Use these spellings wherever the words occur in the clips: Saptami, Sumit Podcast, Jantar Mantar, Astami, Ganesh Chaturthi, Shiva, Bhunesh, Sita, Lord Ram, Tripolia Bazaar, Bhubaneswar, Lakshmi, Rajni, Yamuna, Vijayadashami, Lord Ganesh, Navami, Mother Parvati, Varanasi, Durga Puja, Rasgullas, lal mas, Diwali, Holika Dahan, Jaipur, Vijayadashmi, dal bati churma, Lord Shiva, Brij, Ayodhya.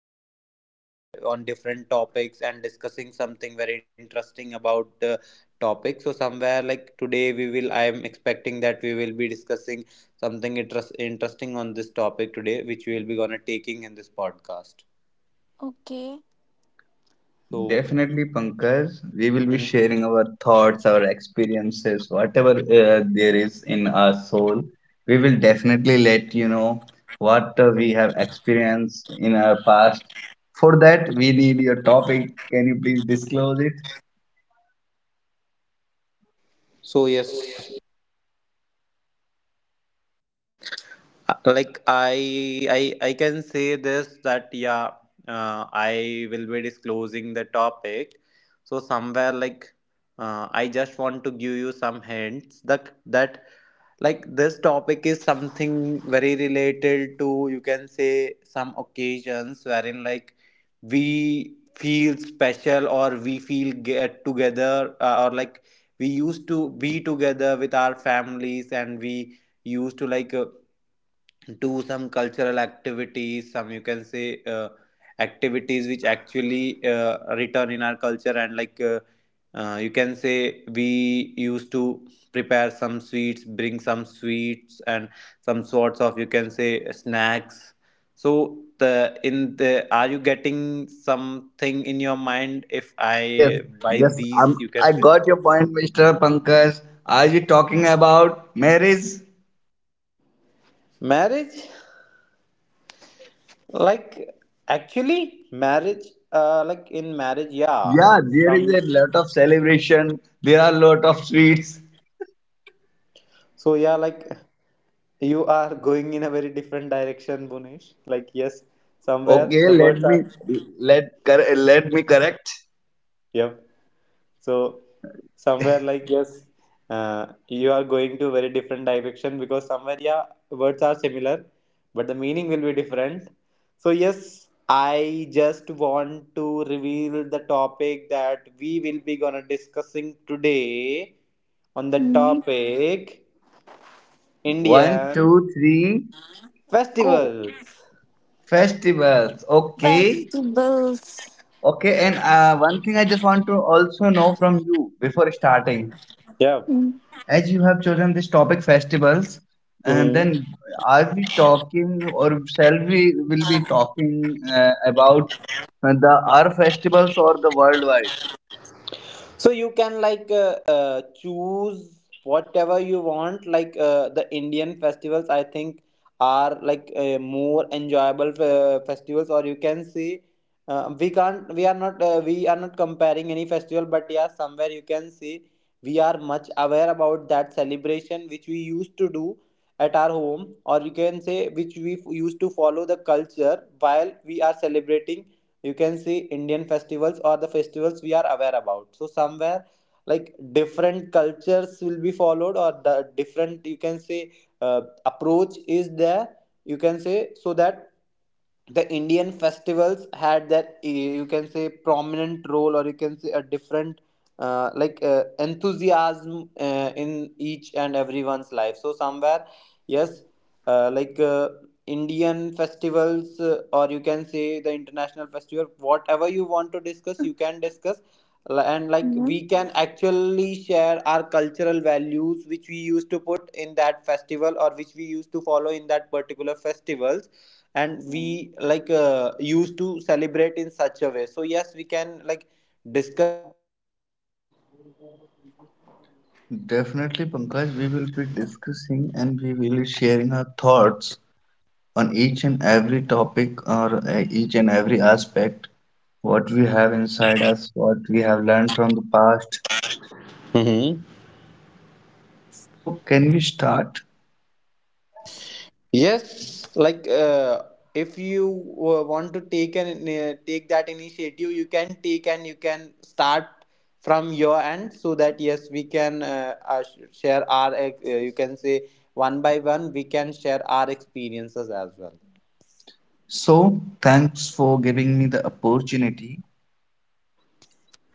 podcast and on different topics and discussing something very interesting about the topic. So somewhere like today we will I am expecting that we will be discussing something interesting on this topic today, which we will be gonna taking in this podcast. Okay. So. Definitely Pankaj, we will be Mhm. sharing our thoughts, our experiences, whatever there is in our soul. We will definitely let you know what we have experienced in our past. For that, we need your topic. Can you please disclose it? So yes. Uh, like i I can say this that uh, I will be disclosing the topic. So somewhere like I just want to give you some hints that like this topic is something very related to, you can say, some occasions wherein like we feel special or we feel get together, or like we used to be together with our families and we used to do some cultural activities, some, you can say, activities which actually return in our culture and you can say we used to prepare some sweets, bring some sweets and some sorts of, you can say, snacks. So the, in the, are you getting something in your mind if Yes, I buy yes, these, I'm, you can I say? got your point, Mr. Pankaj. Are you talking about marriage? Marriage, like actually marriage, like in marriage, yeah. Yeah, there is Some, a lot of celebration. There are lot of sweets. so yeah, like you are going in a very different direction, Bunish, like yes, somewhere Okay, the let words me are. Let me correct. Yep. So somewhere like yes, uh, you are going to very different direction because somewhere yeah words are similar but the meaning will be different. So yes, I just want to reveal the topic that we will be gonna discussing today, on the Hmm. topic One, Indian two, three Go. festivals. festivals. Okay, Festivals. okay, and one thing I just want to also know from you before starting, Yeah. Hmm. as you have chosen this topic festivals, and Mhm. then are we talking or shall we will be talking about the our festivals or the worldwide? So you can choose whatever you want, the Indian festivals I think are more enjoyable festivals, or you can see, we are not comparing any festival, but yeah somewhere you can see we are much aware about that celebration which we used to do at our home, or you can say which we used to follow the culture while we are celebrating, you can see, Indian festivals or the festivals we are aware about. So somewhere like different cultures will be followed, or the different, you can say, approach is there. You can say. So that the Indian festivals had that you can say prominent role, or you can say a different enthusiasm in each and everyone's life. So somewhere, yes, uh, like uh, Indian festivals, or you can say the international festival, whatever you want to discuss, you can discuss. And like Hmm. we can actually share our cultural values which we used to put in that festival, or which we used to follow in that particular festivals, and Hmm. we used to celebrate in such a way. So yes, we can like discuss Definitely, Pankaj, we will be discussing and we will be sharing our thoughts on each and every topic or each and every aspect, what we have inside us, what we have learned from the past. Mm-hmm. So, can we start? Yes, if you want to take an take that initiative, you can take and you can start from your end so that yes, we can share our you can say one by one we can share our experiences as well. So, thanks for giving me the opportunity.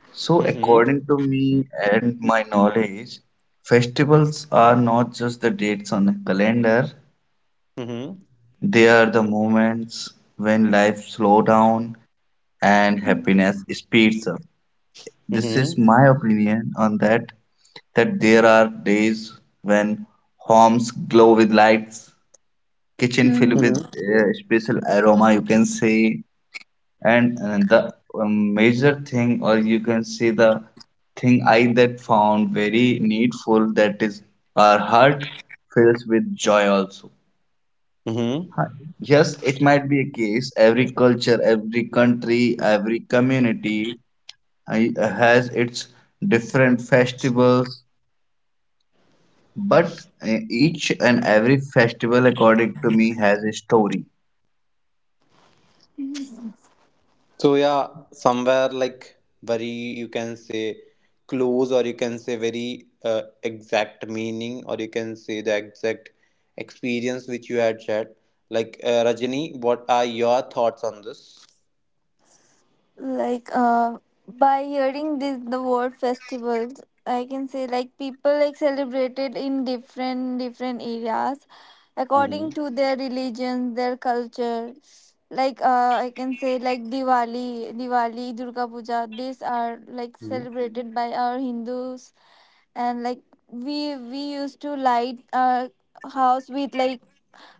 So, Mm-hmm. according to me and my knowledge, festivals are not just the dates on a calendar, Mm-hmm. they are the moments when life slows down and Mm. happiness speeds up. This is Mm-hmm. my opinion on that, that there are days when homes glow with lights, kitchen filled Mm. with special aroma, you can say, and the major thing, or you can say the thing I that found very needful, that is, our heart fills with joy also. Mm-hmm. Huh, yes, it might be a case, every culture, every country, every community, has its different festivals, but each and every festival, according to me, has a story. So yeah, somewhere like very you can say close or you can say very exact meaning or you can say the exact experience which you had shared. Rajini, what are your thoughts on this? Like by hearing this, the word festivals, I can say like people like celebrated in different different areas Mm-hmm. according to their religion, their culture. Like I can say like Diwali, Durga Puja. These are like celebrated by our Hindus, and like we used to light our house with like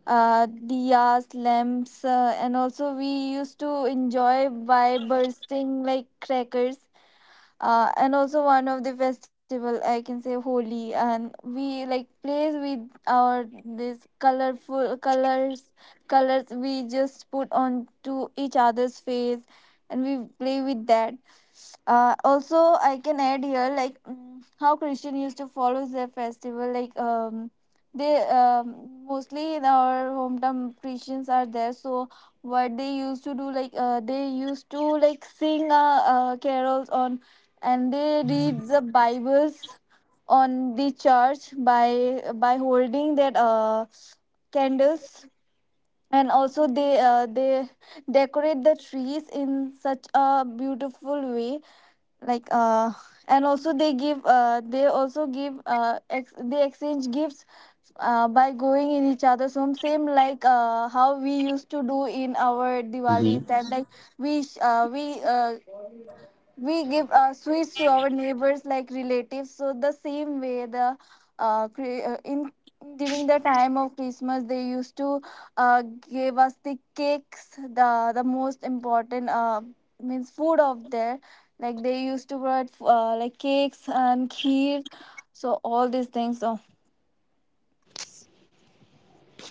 diyas lamps, and also we used to enjoy by bursting like crackers, and also one of the festival I can say Holi, and we like plays with our this colorful colors colors we just put on to each other's face and we play with that. Also I can add here, like, how Christian used to follow their festival, like, they mostly in our hometown Christians are there. So what they used to do, like, they used to like sing, carols on, and they read the Bibles on the church by holding their candles, and also they decorate the trees in such a beautiful way, like, and also they give they also give ex- they exchange gifts, by going in each other's home, same like, how we used to do in our Diwali Mm-hmm. time, like we sh- we give sweets to our neighbors, like relatives. So the same way, the cre- in during the time of Christmas they used to, uh, give us the cakes, the most important, means food of there, like they used to provide, like cakes and kheer, so all these things so.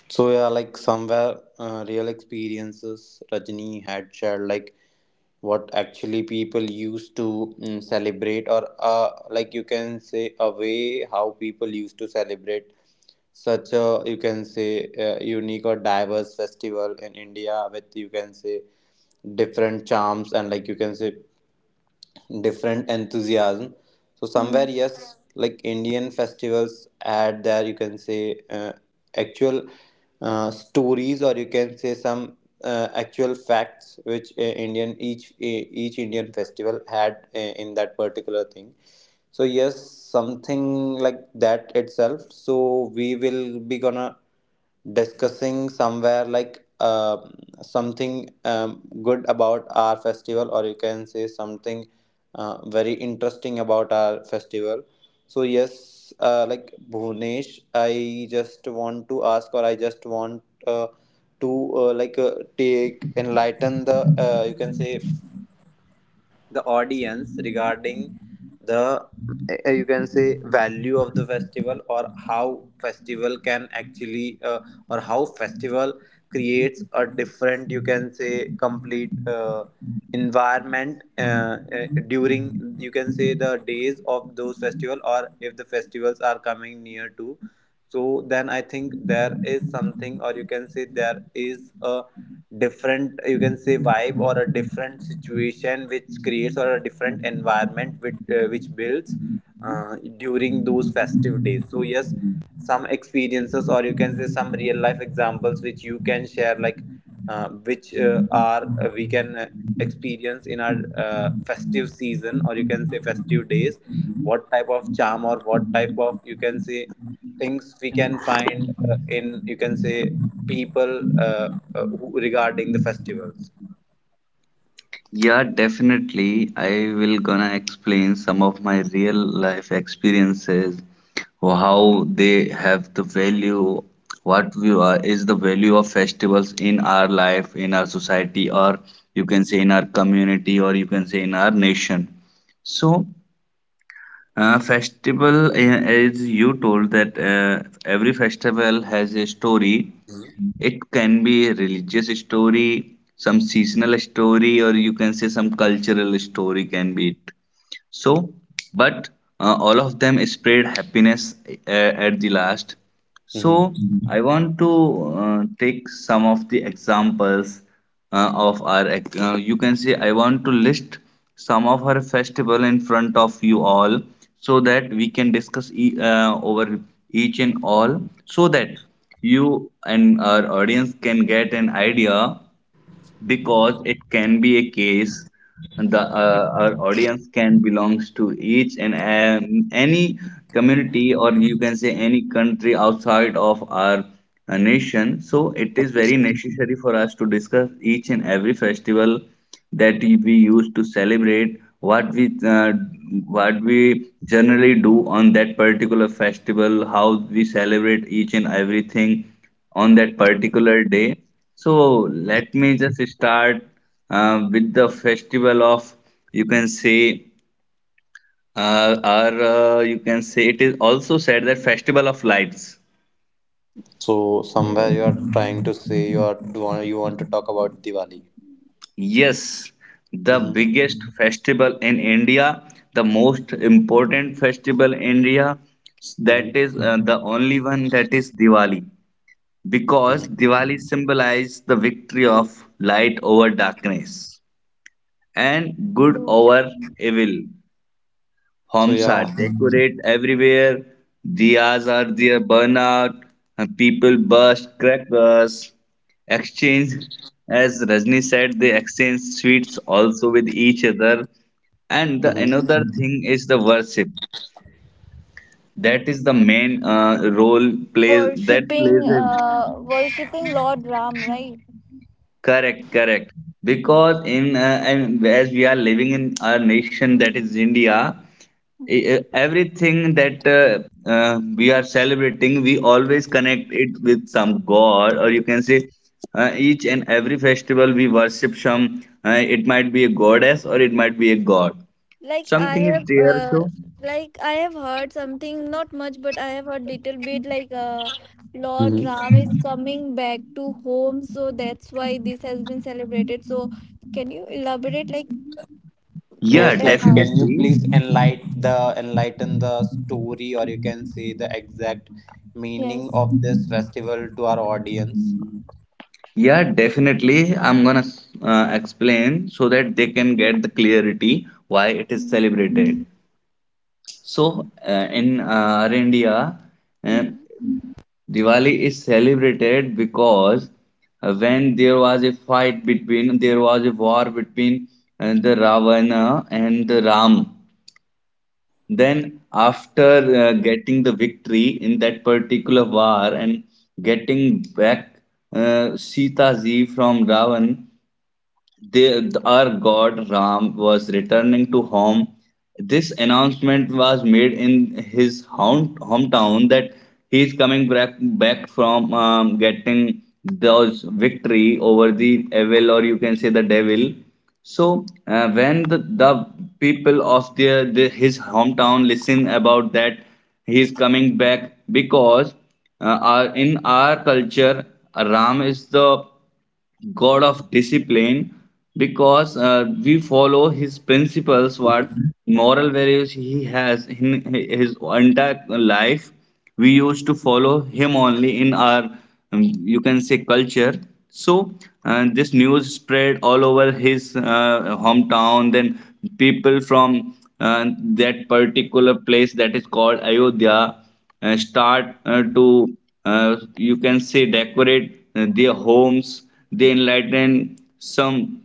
So yeah, like somewhere real experiences Rajni had shared, like what actually people used to celebrate, or like you can say a way how people used to celebrate such a you can say unique or diverse festival in India with you can say different charms and like you can say different enthusiasm. So somewhere, Hmm. yes, like Indian festivals add their you can say actual stories or you can say some actual facts which Indian each Indian festival had in that particular thing, so yes, something like that itself, so we will be gonna discussing somewhere like something good about our festival or you can say something very interesting about our festival. So yes, like Bhunesh, I just want to ask or I just want to take enlighten the you can say the audience regarding the you can say value of the festival or how festival can actually or how festival creates a different you can say complete environment during you can say the days of those festival or if the festivals are coming near to. So then I think there is something or you can say there is a different you can say vibe or a different situation which creates or a different environment which builds during those festive days. So yes, some experiences or you can say some real life examples which you can share, like which are we can experience in our festive season or you can say festive days, what type of charm or what type of you can say things we can find in you can say people who, regarding the festivals. Yeah, definitely. I will gonna explain some of my real life experiences, how they have the value, what we are, is the value of festivals in our life, in our society, or you can say in our community, or you can say in our nation. So, festival, as you told that every festival has a story. It can be a religious story, some seasonal story, or you can say some cultural story can be it. So, but all of them spread happiness at the last. Hmm. So, I want to take some of the examples, you can say I want to list some of our festival in front of you all, so that we can discuss over each and all, so that you and our audience can get an idea, because it can be a case the our audience can belongs to each and any community or you can say any country outside of our nation, so it is very necessary for us to discuss each and every festival that we use to celebrate, what we generally do on that particular festival, how we celebrate each and everything on that particular day. So let me just start with the festival of, you can say, or you can say, it is also said that, festival of lights. So somewhere you Okay, are trying to say you want to talk about Diwali. Yes, the Mm-hmm. biggest festival in India, the most important festival in India. That is Mm-hmm. The only one, that is Diwali, because Mm-hmm. Diwali symbolizes the victory of light over darkness, and good so. over evil. So Homes are yeah. decorate everywhere, diyas are there burn out, and people burst crackers, exchange, as Rajni said, they exchange sweets also with each other. And the Hmm. another thing is the worship. That is the main role plays, that worshipping plays a uh, worshipping Lord Ram, right? correct, correct. Because in and as we are living in our nation, that is India, Hmm. Everything that we are celebrating, we always connect it with some god, or you can say each and every festival we worship some, it might be a goddess or it might be a god, Like I something is have, there. uh, So like I have heard something, not much, but I have heard little bit. Like, Lord Mm-hmm. Ram is coming back to home, so that's why this has been celebrated. So, can you elaborate, like yeah what Yes, and like how? can you definitely please enlighten the story or you can say the exact meaning Yes. of this festival to our audience? yeah, definitely, I'm gonna explain, so that they can get the clarity why it is Mm-hmm. celebrated. So in our india, uh, Mm-hmm. Diwali is celebrated because when there was a there was a war between the Ravana and the Ram. Then, after getting the victory in that particular war, and getting back Sita ji from Ravan, our god Ram was returning to home. This announcement was made in his hometown that he is coming back from getting those victory over the evil, or you can say the devil. So when the people of his hometown listen about that he is coming back, because in our culture Ram is the God of discipline, because we follow his principles, what moral values he has in his entire life. We used to follow him only in our, you can say, culture. So this news spread all over his hometown. Then people from that particular place, that is called Ayodhya, start to, you can say, decorate their homes, they enlighten some,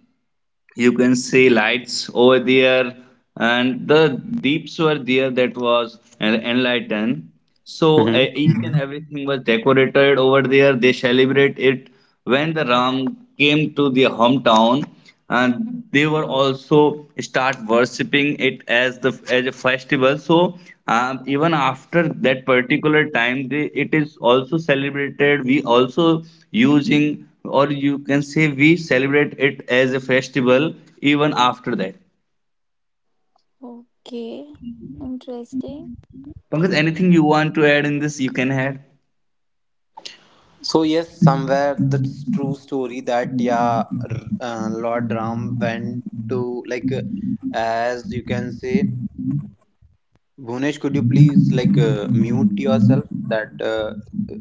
you can say, lights over there, and the deeps were there that was enlightened. So Mm-hmm. each and everything was decorated over there, they celebrate it when the ram came to their hometown, and Mm-hmm. they were also start worshipping it as the as a festival. So even after that particular time, it is also celebrated, we also using, or you can say, we celebrate it as a festival even after that. Okay. Interesting. Pankaj, anything you want to add in this, you can add. So yes, somewhere the true story that yeah, Lord Ram went to as you can say, Bhunesh, could you please mute yourself? That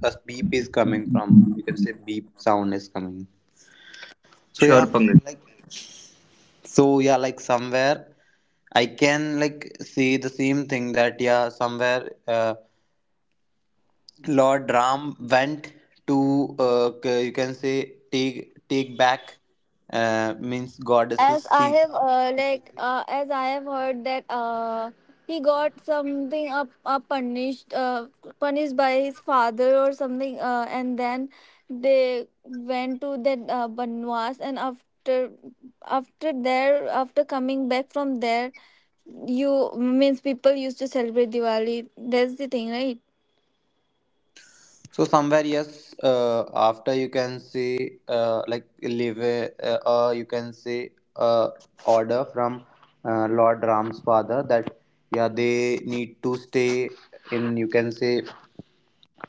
a beep is coming from, you can say, beep sound is coming. Yep, So yeah, sure, Pankaj. like, so yeah, like somewhere I can like see the same thing that yeah, somewhere Lord Ram went to you can say take back means goddesses as I have Sita. uh, like uh, as I have heard that, he got something up, punished, by his father or something. And then they went to that, banwas, and after coming back from there, you means people used to celebrate Diwali. That's the thing, right? So somewhere yes, after you can say like leave a, you can say uh, order from Lord Ram's father that yeah, they need to stay in, you can say,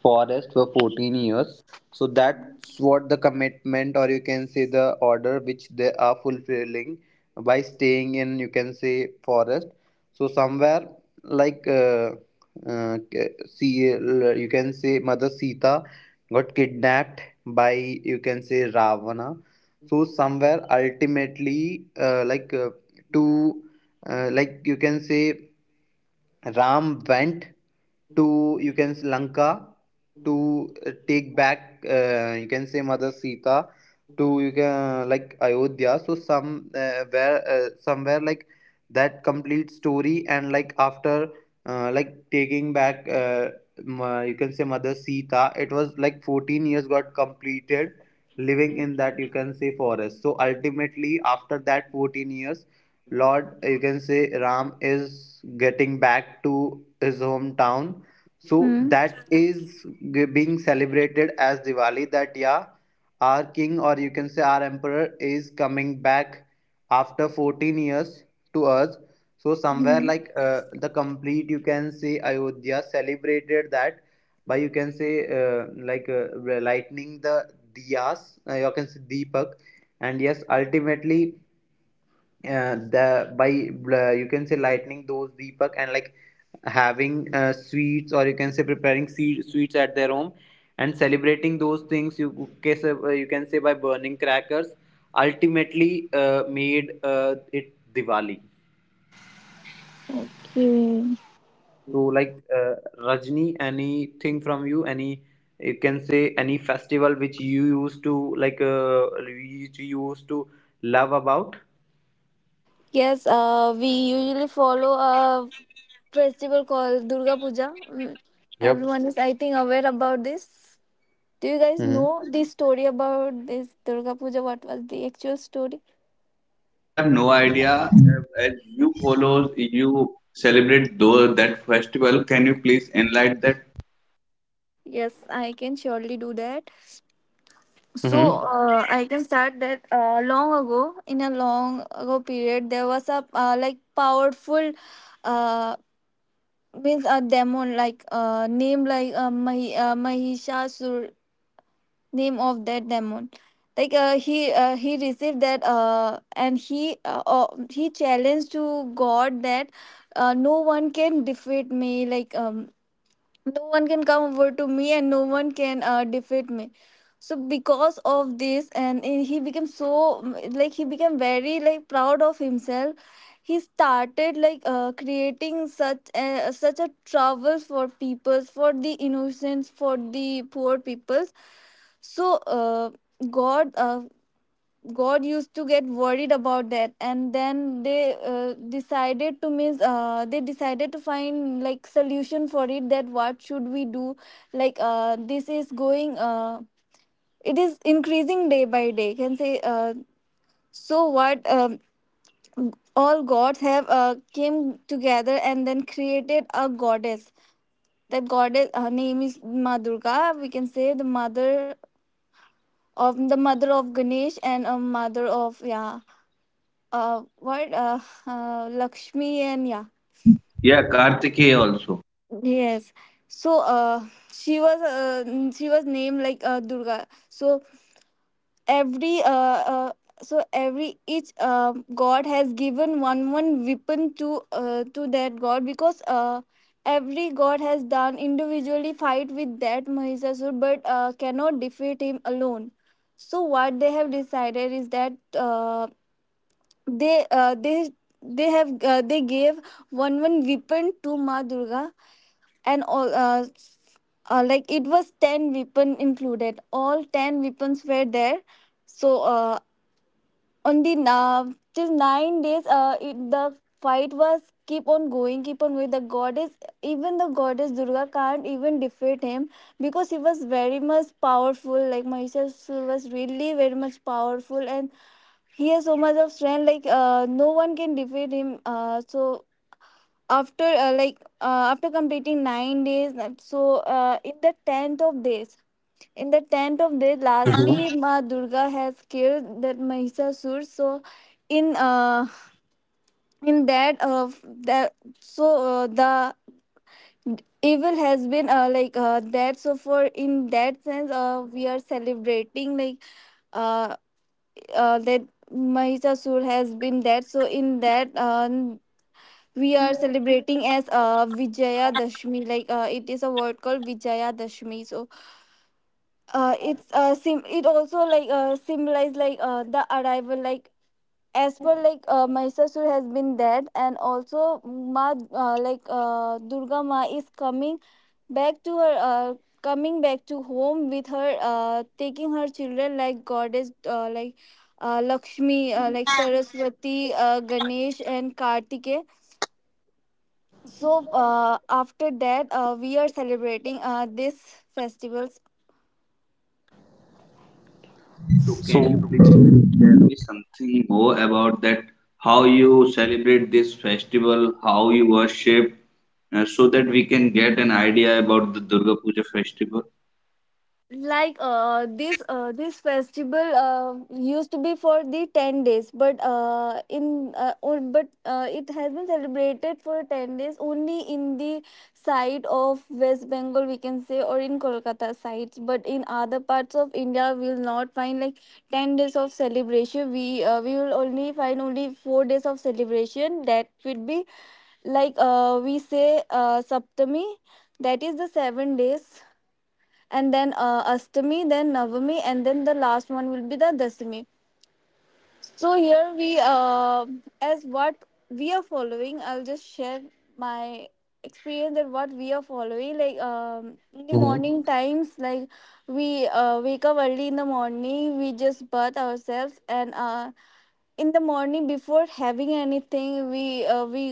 forest for 14 years. So that's what the commitment, or you can say the order which they are fulfilling by staying in, you can say, forest. So somewhere like uh, uh, see, you can say Mother Sita got kidnapped by, you can say, Ravana. So somewhere ultimately, to, like you can say, Ram went to, you can say, Lanka to take back, you can say, Mother Sita to you can like Ayodhya. So somewhere like that complete story and like after like taking back, you can say Mother Sita, it was like 14 years got completed living in that, you can say, forest. So ultimately after that 14 years Lord, you can say, Ram is getting back to his hometown. So Hmm. that is being celebrated as Diwali. That yeah, our king or you can say our emperor is coming back after 14 years to us. So somewhere Hmm. The complete you can say Ayodhya celebrated that by you can say lightning the diyas, you can say Deepak, and yes ultimately the by you can say lightening those deepak and like having sweets or you can say preparing sweets at their home and celebrating those things, you can say by burning crackers, ultimately made it Diwali. Okay. So Rajni, anything from you? Any you can say any festival which you used to which you used to love about? Yes, we usually follow a festival called Durga Puja. Yep. Everyone is, I think, aware about this. Do you guys Mm-hmm. know the story about this Durga Puja? What was the actual story? No, we have no idea. Uh, as you follow, you celebrate though that festival, can you please enlighten that? Yes, I can surely do that. So Mm-hmm. I can start that, in a long ago period, there was a, like, powerful, uh, means a demon, like, name, like, Mahishasur, name of that demon. Like, he received that, and he challenged to god that, no one can defeat me, like, no one can come over to me, and no one can, defeat me. So because of this, and he became so, like, he became very, like, proud of himself. He started, like, creating such a trouble for peoples, for the innocents, for the poor peoples. So god uh, god used to get worried about that, and then they decided to find like solution for it, that what should we do, like, this is going, it is increasing day by day, can say. So what, all gods have, came together and then created a goddess. That goddess, her name is Ma Durga, we can say the mother of, Ganesh, and a mother of, yeah, what, Lakshmi, and, yeah. Yeah, kartikeya also. Yes. So she was named, like, Durga. So every, uh every each, god has given one one weapon to, that god, because every god has done individually fight with that Mahishasur, but cannot defeat him alone. So what they have decided is that, they uh, they they gave one one weapon to Ma Durga, and all, like, it was 10 weapon included, all 10 weapons were there. So on the nav till 9 days, the fight was keep on going, keep on with the goddess. Even the goddess Durga can't even defeat him, because he was very much powerful, like Mahishasur was really very much powerful, and he has so much of strength, like, no one can defeat him. So after completing 9 days, and so, in the 10th of days in the 10th of days, lastly Hmm. Ma Durga has killed that Mahisasur. So in uh, in that, that so, the evil has been, like, that, so for, in that sense, we are celebrating, like, uh, that Mahisasur has been dead. So in that, we are celebrating as, Vijaya Dashmi. Like, it is a word called Vijaya Dashmi. So, it also, like, symbolize, like, the arrival, like as per, like, Mahishasur has been dead, and also Ma, like, Durga Ma is coming back to her, coming back to home with her, taking her children like goddess, like, Lakshmi, like Saraswati, Ganesh and Kartike. So after that, we are celebrating, this festivals. So can you So. please tell me something more about that? How you celebrate this festival? How you worship? So that we can get an idea about the Durga Puja festival. Like, this festival, used to be for the 10 days, but it has been celebrated for 10 days only in the side of West Bengal, we can say, or in Kolkata sites, but in other parts of India we will not find like 10 days of celebration, we will only find only 4 days of celebration, that would be, like, we say, Saptami, that is the 7 days, and then, Astami, then Navami, and then the last one will be the Dasami. So here as what we are following, I'll just share my experience, that what we are following. Like, in the morning Mm-hmm. times, like, we wake up early in the morning, we just bath ourselves, and, in the morning before having anything,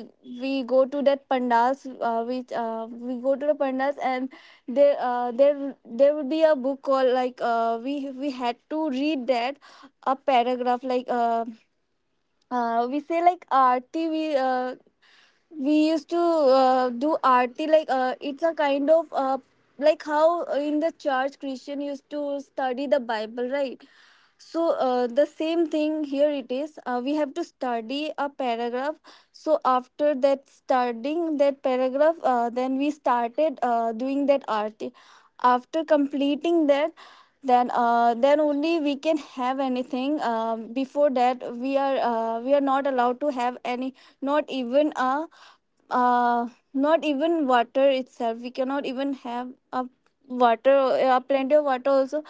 we go to that pandals we go to the pandals, and there would be a book called, like, we had to read that a paragraph, like, we say like arti. We used to, do aarti, like, it's a kind of, like how in the church Christian used to study the Bible, right. So, the same thing here, it is, we have to study a paragraph. So after that, studying that paragraph, then we started, doing that aarti. After completing that, then only we can have anything, before that we are, not allowed to have any, not even a, uh not even water itself, we cannot even have a water, plenty of water also,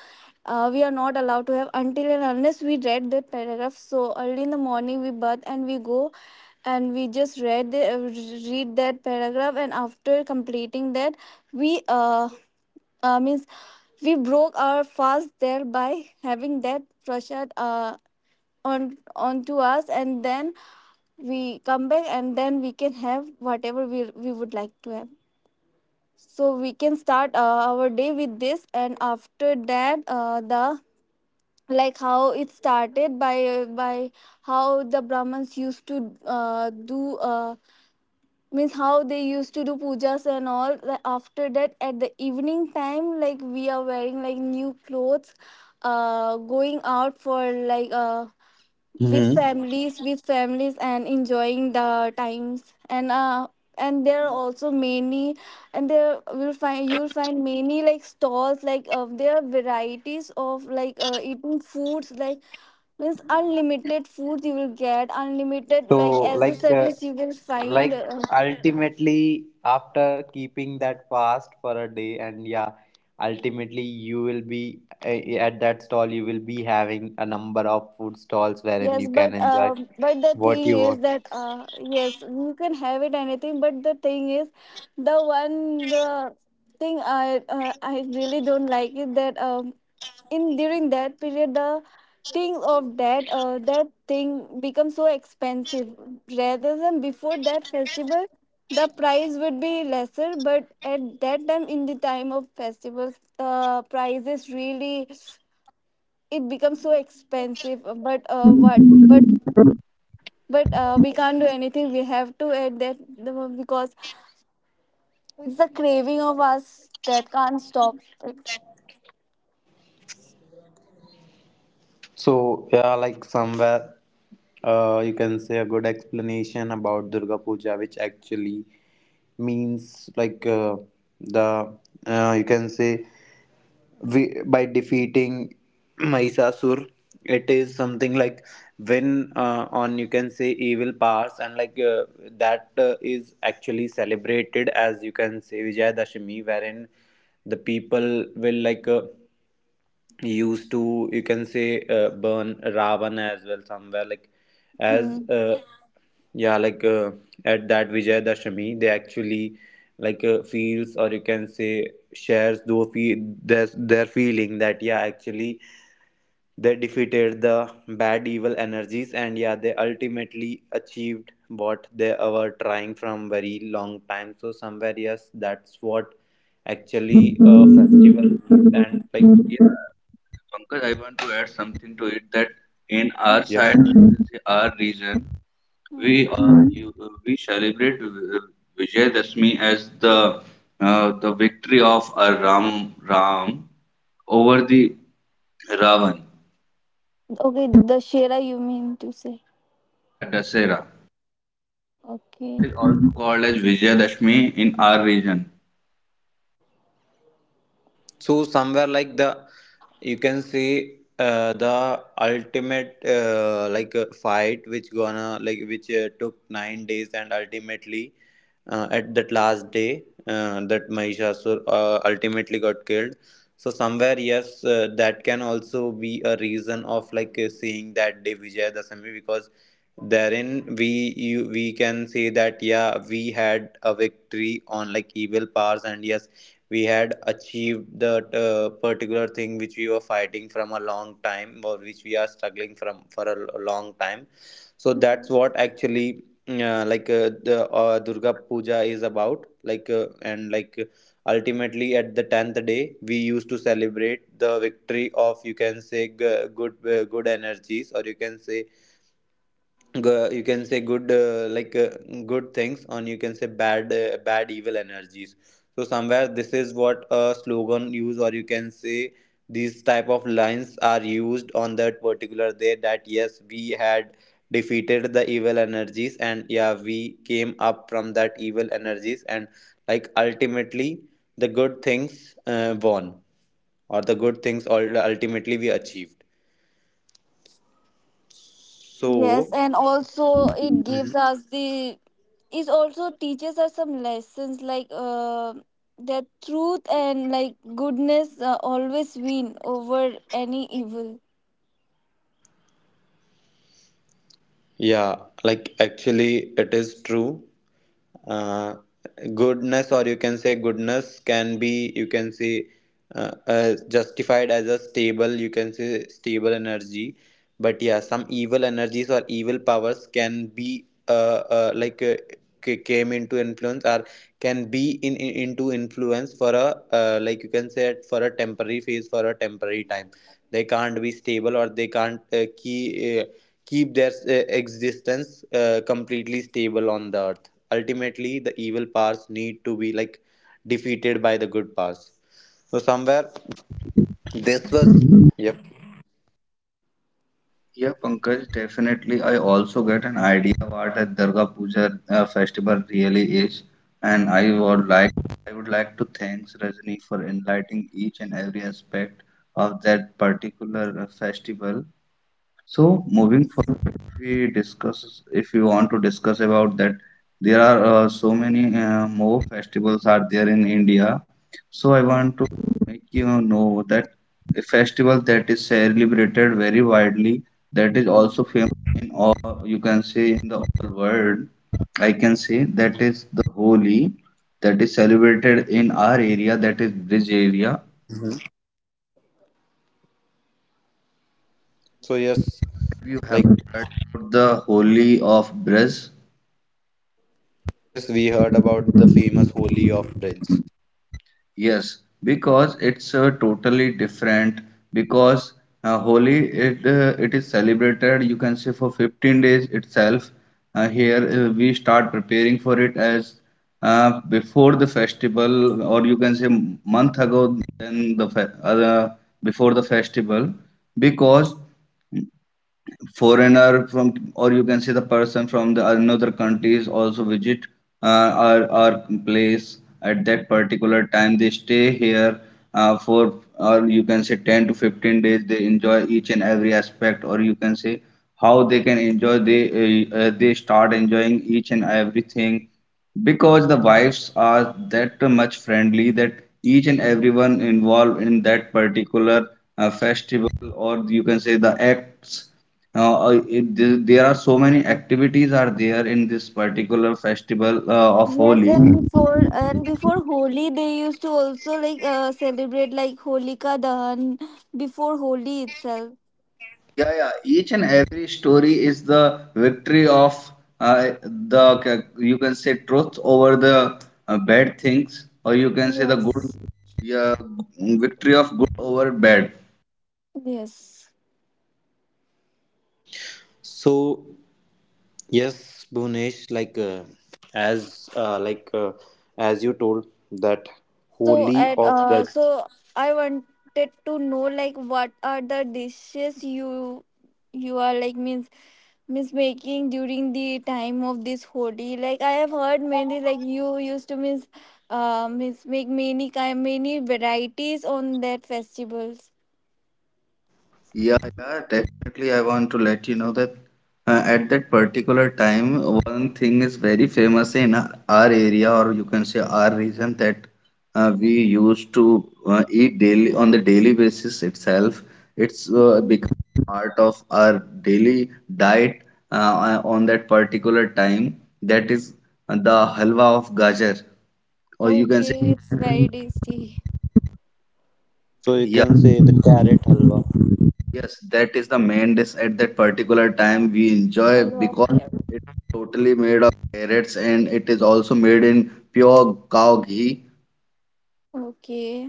we are not allowed to have until and unless we read that paragraph. So early in the morning we bath and we go, and we just read the, read that paragraph, and after completing that we uh, uh means we broke our fast there, by having that prashad, on, onto us, and then we come back, and then we can have whatever we would like to have. So we can start, our day with this, and after that, the, like how it started by how the Brahmins used to, do, means how they used to do pujas and all. Like, after that at the evening time, like, we are wearing like new clothes, going out for, like, Mm-hmm. With families and enjoying the times, and there are also many and there will find you'll find many like stalls, like, there are varieties of, like, eating foods, like, means unlimited food you will get, unlimited like So, like, uh, accessories you will find. Ultimately, after keeping that fast for a day, and yeah, ultimately you will be at that stall. You will be having a number of food stalls wherein Yes, you can but, enjoy but the what thing you is want. that, yes, you can have it anything. But the thing is, the one the thing I really don't like is that, in during that period, the thing, of that that thing becomes so expensive, rather than before that festival the price would be lesser, but at that time, in the time of festivals the price is really, it becomes so expensive, but what but we can't do anything, we have to add that, because it's the craving of us that can't stop it. So, yeah, like somewhere, you can say a good explanation about Durga Puja, which actually means like the you can say we, by defeating Mahisasur. It is something like win on, you can say, evil powers, and that is actually celebrated as, you can say, Vijayadashami, wherein the people will used to you can say burn Ravan as well somewhere like as Hmm. Yeah, at that Vijay Dashami, they actually feels or you can say shares those their feeling that yeah actually they defeated the bad evil energies and yeah they ultimately achieved what they were trying from very long time. So somewhere yes, that's what actually a festival means and like Yeah, Pankaj, I want to add something to it, that in our yep. side, our region, Hmm. We celebrate Vijayadashmi as the victory of Ram over the Ravan. Okay, the shera, you mean to say? Yeah, Dasera. That Okay. is also called as Vijayadashmi in our region. So somewhere like the you can see the ultimate fight which gonna like which took 9 days and ultimately at that last day that Mahishasur ultimately got killed. So somewhere, yes, that can also be a reason of seeing that day Vijayadashami because therein we can say that yeah we had a victory on like evil powers and yes we had achieved that particular thing which we were fighting from a long time or which we are struggling from for a long time, so that's Hmm. what actually like the durga puja is about like and like ultimately at the 10th day we used to celebrate the victory of you can say good good energies or you can say you can say good good things and you can say bad evil energies. So somewhere this is what a slogan use or you can say these type of lines are used on that particular day that yes we had defeated the evil energies and yeah we came up from that evil energies and like ultimately the good things won or the good things all ultimately we achieved. Yes, So and also it also teaches us some lessons, like, that truth and like goodness, always win over any evil. yeah, like actually, it is true. Uh, Goodness, or you can say goodness, can be you can say justified as a stable, you can say stable energy. But yeah, some evil energies or evil powers can be uh like uh, came into influence or can be in into influence for a you can say for a temporary phase for a temporary time. They can't be stable or they can't key. Keep their existence completely stable on the earth. Ultimately, the evil powers need to be like defeated by the good powers. So somewhere this was yep. Yeah, Pankaj, definitely. I also get an idea what a Durga Puja festival really is, and I would like to thanks Rajni for enlightening each and every aspect of that particular festival. So moving Yes. forward, if you want to discuss about that, there are so many more festivals are there in India. So I Hmm. want to make you know that a festival that is celebrated very widely, that is also famous in all, you can say in the whole world. I can say that is the Holi, that is celebrated in our area, that is Brij area. So yes, Have you have like heard about the Holi of Brij? yes, we heard about the famous Holy of Dreams. Yes, because it's totally different. Because Holi, it is celebrated. You can say for 15 days itself. Here we start preparing for it as, before the festival, or you can say month ago than before the festival, because foreigner from, or you can say the person from the another countries, also visit uh, our place at that particular time, they stay here for, or you can say, 10 to 15 days, they enjoy each and every aspect, or you can say, how they can enjoy, they start enjoying each and everything, because the wives are that much friendly that each and everyone involved in that particular festival, or you can say the acts. Now, there are so many activities are there in this particular festival of Yes, Holi. and before Holi, they used to also, like, celebrate like Holika Dahan before Holi itself. Yeah, yeah. Each and every story is the victory of, you can say, truth over the bad things, or you can say the good, Yes, yeah, victory of good over bad. yes. So yes, Bhunesh, as uh, like uh, as you told that So Holy at, of Dreams. so I wanted to know, like what are the dishes you are, like, means, means making during the time of this Holi. Like I have heard many, like, you used to, means, means make many kind, many varieties on that festivals. Yeah, yeah, definitely. I want to let you know that at that particular time, one thing is very famous in our area, or you can say our region, that we used to eat daily on the daily basis itself. It's become part of our daily diet on that particular time. That is the halwa of gajar, or you can say. Okay, it's very tasty. So you Yeah, can say the carrot halwa. yes, that is the main dish at that particular time we I enjoy, love because carrot. it's totally made of carrots, and it is also made in pure cow ghee. Okay.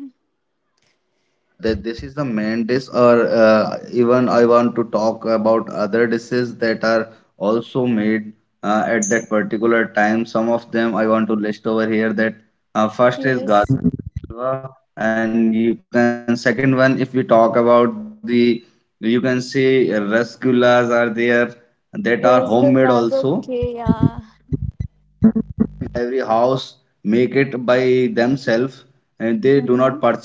That, this is the main dish, or even I want to talk about other dishes that are also made at that particular time. Some of them I want to list over here. That first is Yes. gajar. Uh, and you can second one if we talk about the you can say rasgullas are there that are homemade also, Rasgullas. Okay. Yeah. every house make it by themselves and they do not purchase Mm-hmm. it from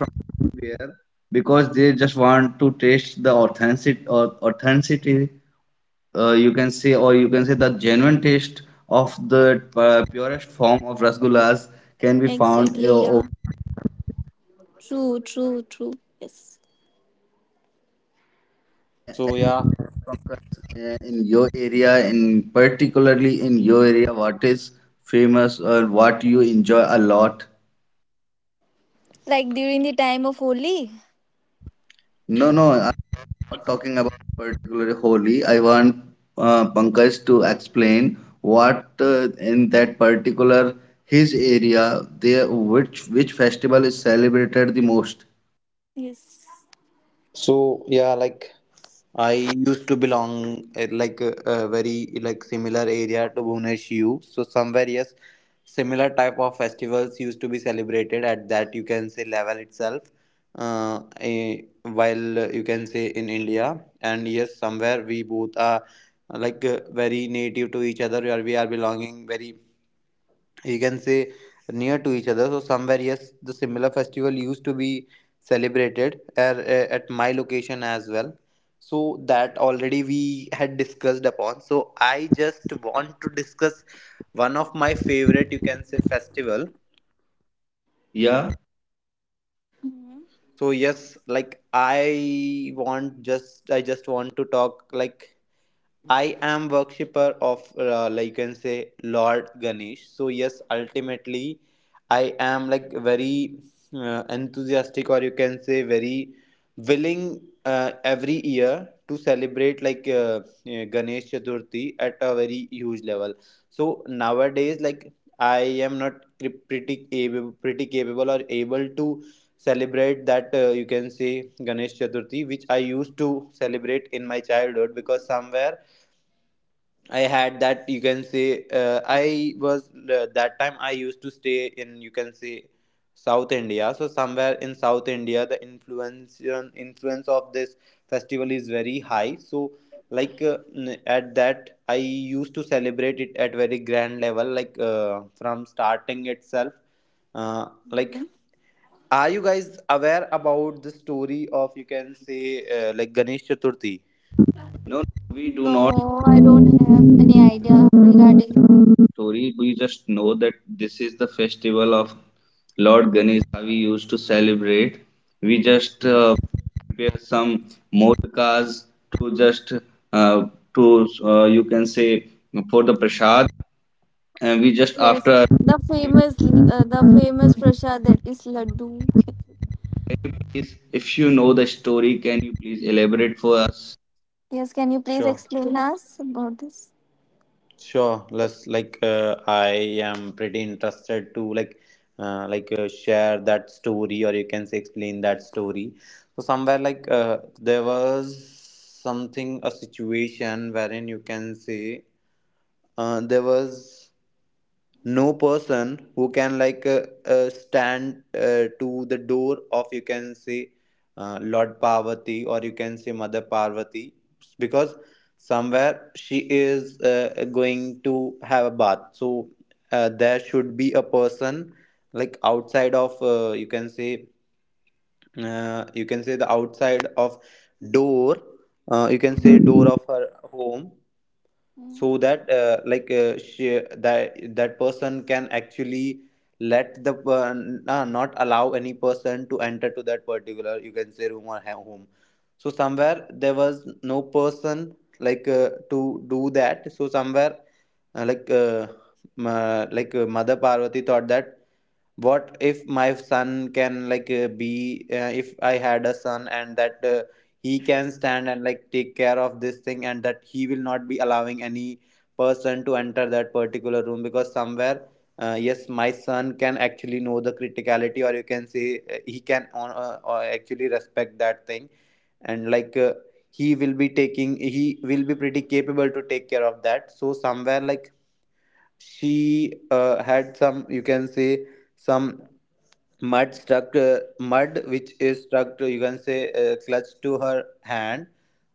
there because they just want to taste the authentic or authenticity, you can say, or you can say the genuine taste of the purest form of rasgullas can be found over. Exactly. Yeah. True. True. True. Yes. So yeah, Uh, in your area, in particularly in your area, what is famous or what you enjoy a lot? Like during the time of Holi. No, no, I'm not talking about particular Holi. I want Pankaj to explain what, in that particular his area there, which festival is celebrated the most. Yes. so yeah, like, I used to belong a very like similar area to Bhubaneshu. So somewhere yes, similar type of festivals used to be celebrated at that you can say level itself. While you can say in India, and yes, somewhere we both are very native to each other. We are belonging very you can say near to each other, so somewhere yes the similar festival used to be celebrated at, at my location as well. So that already we had discussed upon, so I just want to discuss one of my favorite you can say festival. Yeah, Mm-hmm. So yes like I just want to talk like I am worshipper of you can say Lord Ganesh. So yes, ultimately, I am like very enthusiastic or you can say very willing every year to celebrate like Ganesh Chaturthi at a very huge level. So nowadays, like I am not pretty able, pretty capable or able to celebrate that you can say Ganesh Chaturthi, which I used to celebrate in my childhood because somewhere I had that you can say I was that time I used to stay in you can say South India. So somewhere in South India, the influence influence of this festival is very high. So like at that I used to celebrate it at very grand level, like from starting itself. Uh, like, Hmm. are you guys aware about the story of you can say like Ganesh Chaturthi? no, no, we do not. No, I don't have any idea regarding. Story. We just know that this is the festival of Lord Ganesh, we used to celebrate. We just Mhm. Prepare some modkas to just, uh, to, you can say, for the prasad, and we just after. Yes, the famous, prasad, that is laddu. Please, if you know the story, can you please elaborate for us? Yes, can you please Sure. explain us about this? Sure, let's like I am pretty interested to like share that story or you can say explain that story. So somewhere like there was something a situation wherein you can say there was no person who can like stand to the door of you can say lord parvati or you can say mother parvati because somewhere she is going to have a bath, so there should be a person like outside of you can say the outside of door you can say door of her home so that that person can actually let the not allow any person to enter to that particular you can say room or home. So somewhere there was no person like to do that, so somewhere uh, like uh, mother parvati thought that, what if my son can like be if I had a son, and that he can stand and like take care of this thing and that he will not be allowing any person to enter that particular room, because somewhere yes my son can actually know the criticality or you can say he can actually respect that thing, and like he will be taking, he will be pretty capable to take care of that. So somewhere like she had some you can say some mud which is stuck to you can say clutch to her hand,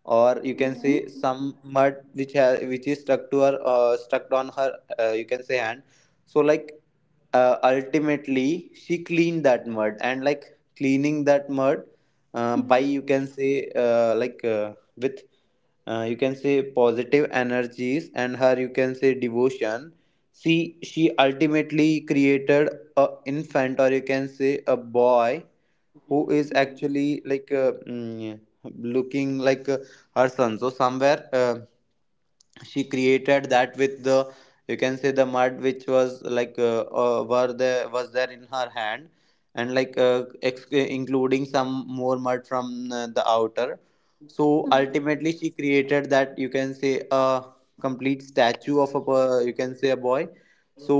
or you can say Mm-hmm. some mud which which is stuck to her stuck on her you can say hand. So like ultimately she cleaned that mud, and like cleaning that mud by Mm-hmm. you can say with you can say positive energies and her you can say devotion. See, she ultimately created a infant or you can say a boy who is actually like looking like her son. So somewhere she created that with the you can say the mud which was like were there was there in her hand, and like including some more mud from the outer. So Mm-hmm. ultimately she created that you can say a complete statue of a you can say a boy. So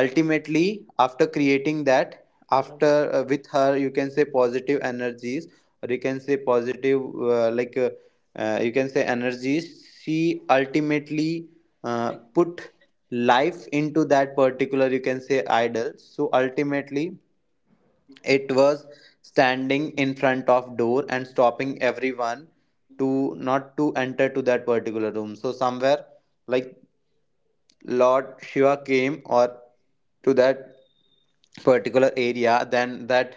ultimately after creating that, after with her you can say positive energies, or you can say positive you can say energies, she ultimately put life into that particular you can say idol. So ultimately it was standing in front of door and stopping everyone to not to enter to that particular room. So somewhere like Lord Shiva came or to that particular area, then that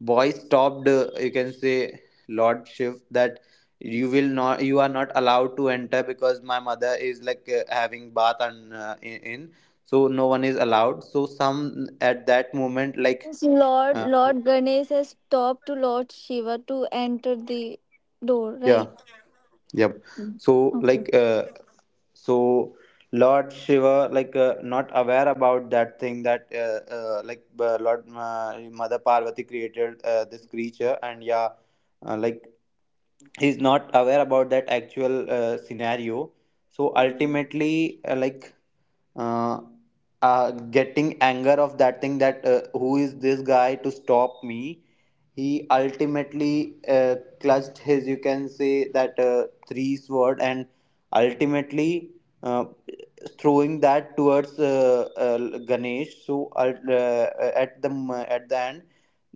boy stopped. You can say Lord Shiva that you will not, you are not allowed to enter because my mother is like having bath and so no one is allowed. So some at that moment like Yes, Lord uh, Lord Ganesh has stopped to Lord Shiva to enter the door, yeah, right? yep. Mm. So Okay. like so lord shiva, like not aware about that thing that like lord mother parvati created this creature, and yeah like he's not aware about that actual scenario. So ultimately uh, uh, getting anger of that thing that who is this guy to stop me, he ultimately clutched his you can say that three sword and ultimately uh, throwing that towards ganesh. So at the end,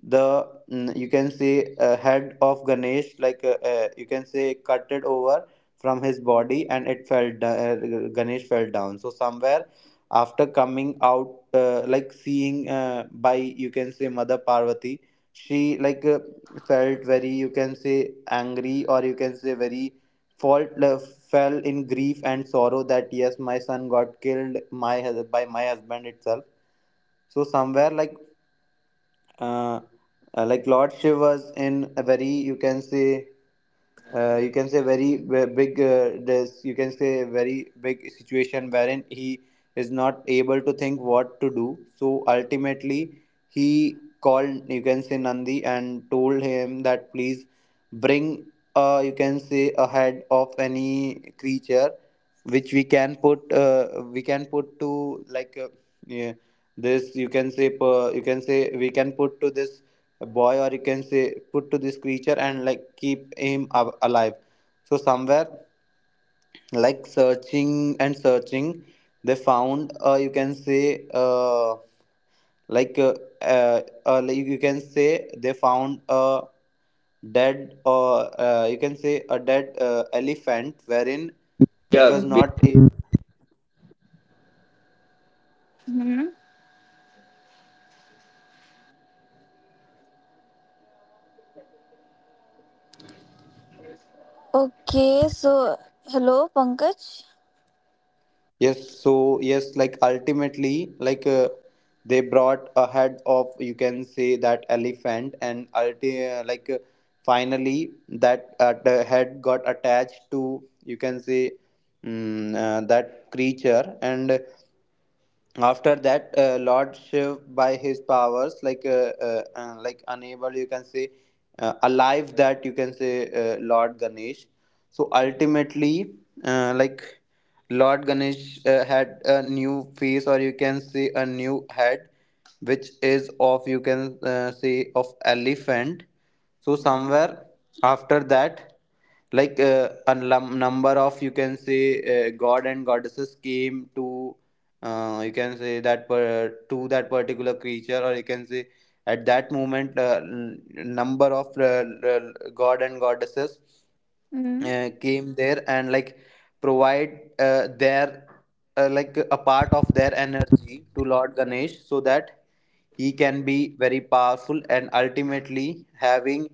the you can say head of ganesh, like you can say cut it over from his body, and it ganesh fell down. So somewhere after coming out like seeing by you can say mother parvati, she like felt very you can say angry, or you can say very fault fell in grief and sorrow that, yes, my son got killed, my by my husband itself. So somewhere uh, like Lord Shiv was in a very you can say very big this you can say very big situation wherein he is not able to think what to do. So ultimately he called you can say Nandi and told him that, please bring you can say a head of any creature which we can put to like yeah, this you can say you can say we can put to this boy, or you can say put to this creature and like keep him alive. So somewhere like searching and searching, they found you can say like uh, like you can say they found a dead, or you can say a dead elephant wherein it was Yeah, not a. Hmm. Okay, so, hello Pankaj. Yes, so yes, like ultimately, like they brought a head of you can say that elephant, and ulti like finally that the head got attached to you can say that creature, and after that lord shiv by his powers, like unable you can say alive that you can say lord ganesh. So ultimately uh, like lord ganesh had a new face, or you can say a new head which is of you can say of elephant. So somewhere after that, like number of you can say god and goddesses came to you can say to that particular creature, or you can say at that moment number of god and goddesses Hmm. Came there, and like provide their like a part of their energy to Lord Ganesh, so that he can be very powerful, and ultimately having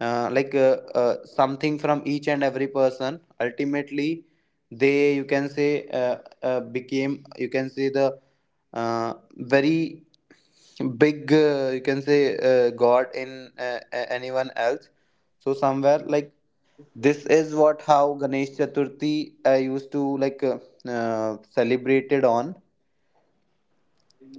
something from each and every person. Ultimately they you can say became you can say the very big you can say god in anyone else. So somewhere like this is what, how ganesh chaturthi I used to like celebrated on,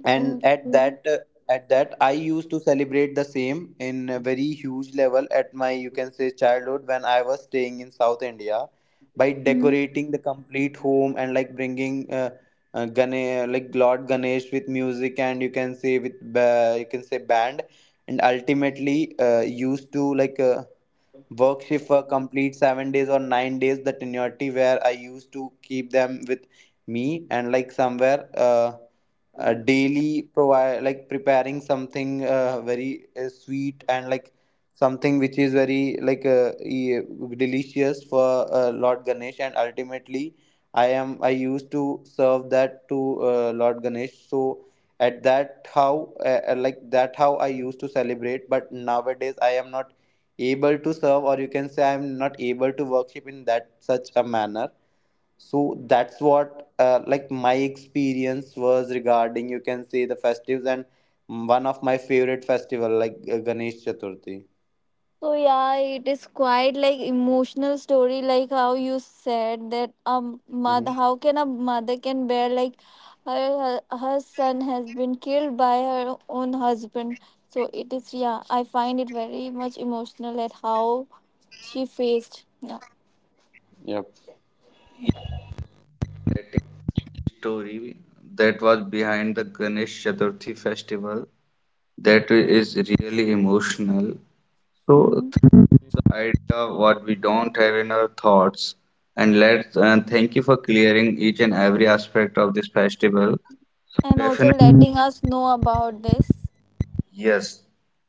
and Okay. At that I used to celebrate the same in a very huge level at my you can say childhood when I was staying in south india, by Mm. decorating the complete home and like bringing like lord ganesh with music, and you can say with you can say band, and ultimately used to like work shift for complete 7 days or 9 days, the tenuity where I used to keep them with me, and like somewhere daily provide, like preparing something very sweet, and like something which is very like delicious for lord ganesh, and ultimately I used to serve that to lord ganesh. So at that how like that how I used to celebrate, but nowadays I am not able to serve, or you can say I'm not able to worship in that such a manner. So that's what like my experience was regarding you can say the festivals, and one of my favorite festival like ganesh chaturthi. So yeah, it is quite like emotional story, like how you said that, mother, Mm-hmm. how can a mother can bear like her, her, son has been killed by her own husband. So it is, yeah, I find it very much emotional at how she faced, yeah. story that was behind the Ganesh Chaturthi festival. That is really emotional. So Mhm. through the idea of what we don't have in our thoughts, and let's and thank you for clearing each and every aspect of this festival. And also Definitely. letting us know about this. Yes,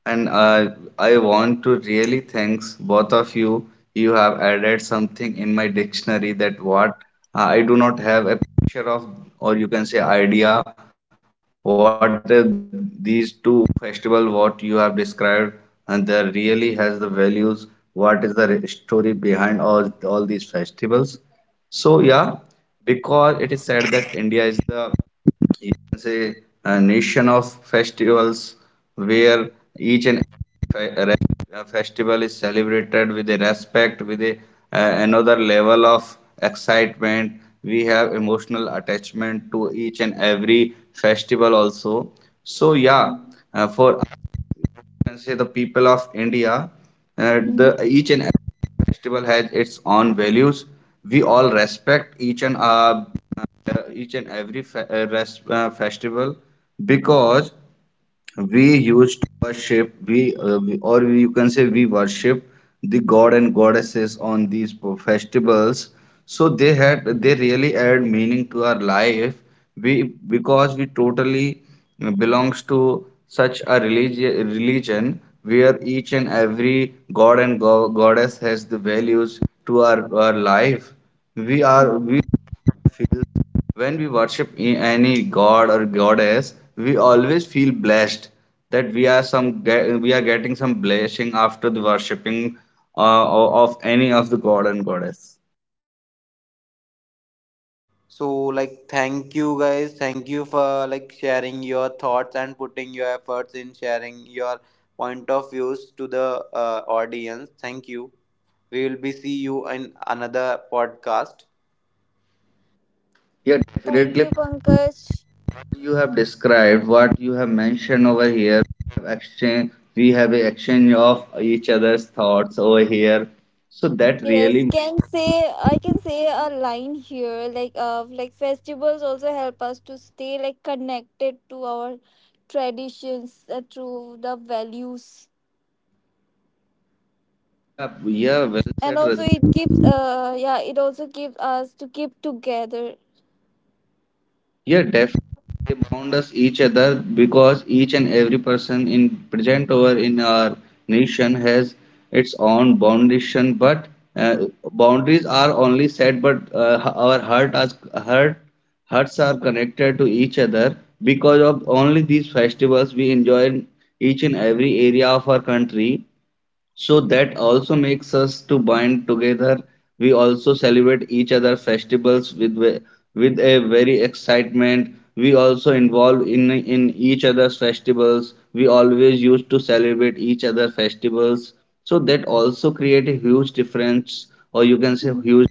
and I want to really thanks both of you. You have added something in my dictionary that what I do not have a picture of, or you can say idea what these two festival what you have described, and they really has the values. What is the story behind all these festivals? So yeah, because it is said that India is the, you can say, a nation of festivals where each Mm-hmm. and every festival is celebrated with a respect, with a, another level of excitement. We have emotional attachment to each and every festival also. So yeah, for can say the people of India, uh, the each and every festival has its own values. We all respect each and every festival because we used to worship we or we, you can say, we worship the god and goddesses on these festivals, so they had they really add meaning to our life we, because we totally belongs to such a religion where each and every god and goddess has the values to our life we are we, Mm-hmm. when we worship any god or goddess, we always feel blessed that we are some we are getting some blessing after the worshiping uh, of any of the god and goddess. So, like, thank you guys. Thank you for, like, sharing your thoughts and putting your efforts in sharing your point of views to the audience. Thank you. We will be see you in another podcast. Yeah, Thank definitely. you, Pankaj. You have described what you have mentioned over here. We have exchange, we have a exchange of each other's thoughts over here. So that Yes, really, can say I can say a line here, like, like festivals also help us to stay like connected to our traditions, through the values. yeah, yeah, well And said, also Rajni. it keeps, yeah, it also keeps us to keep together. Yeah, definitely they bound us each other because each and every person in present or in our nation has its own foundation. But uh, boundaries are only set, but our heart as heart hearts are connected to each other because of only these festivals we enjoy in each and every area of our country, so that also makes us to bind together. We also celebrate each other festivals with with a very excitement. We also involve in each other's festivals. We always used to celebrate each other festivals. So that also create a huge difference, or you can say Mhm. huge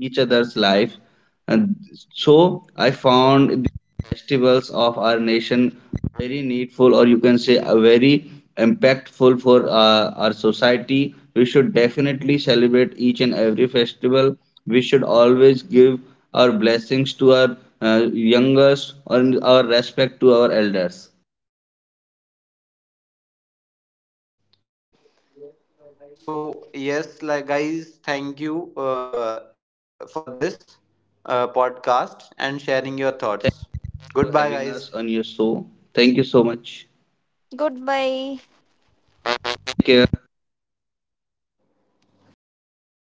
each other's life. And so I found the festivals of our nation very needful, or you can say very impactful for our society. We should definitely celebrate each and every festival. We should always give our blessings to our youngest and our respect to our elders. So yes, like, guys, thank you for this podcast and sharing your Thank thoughts. you for Goodbye having guys. us on your show. Thank you so much. Goodbye. Take care.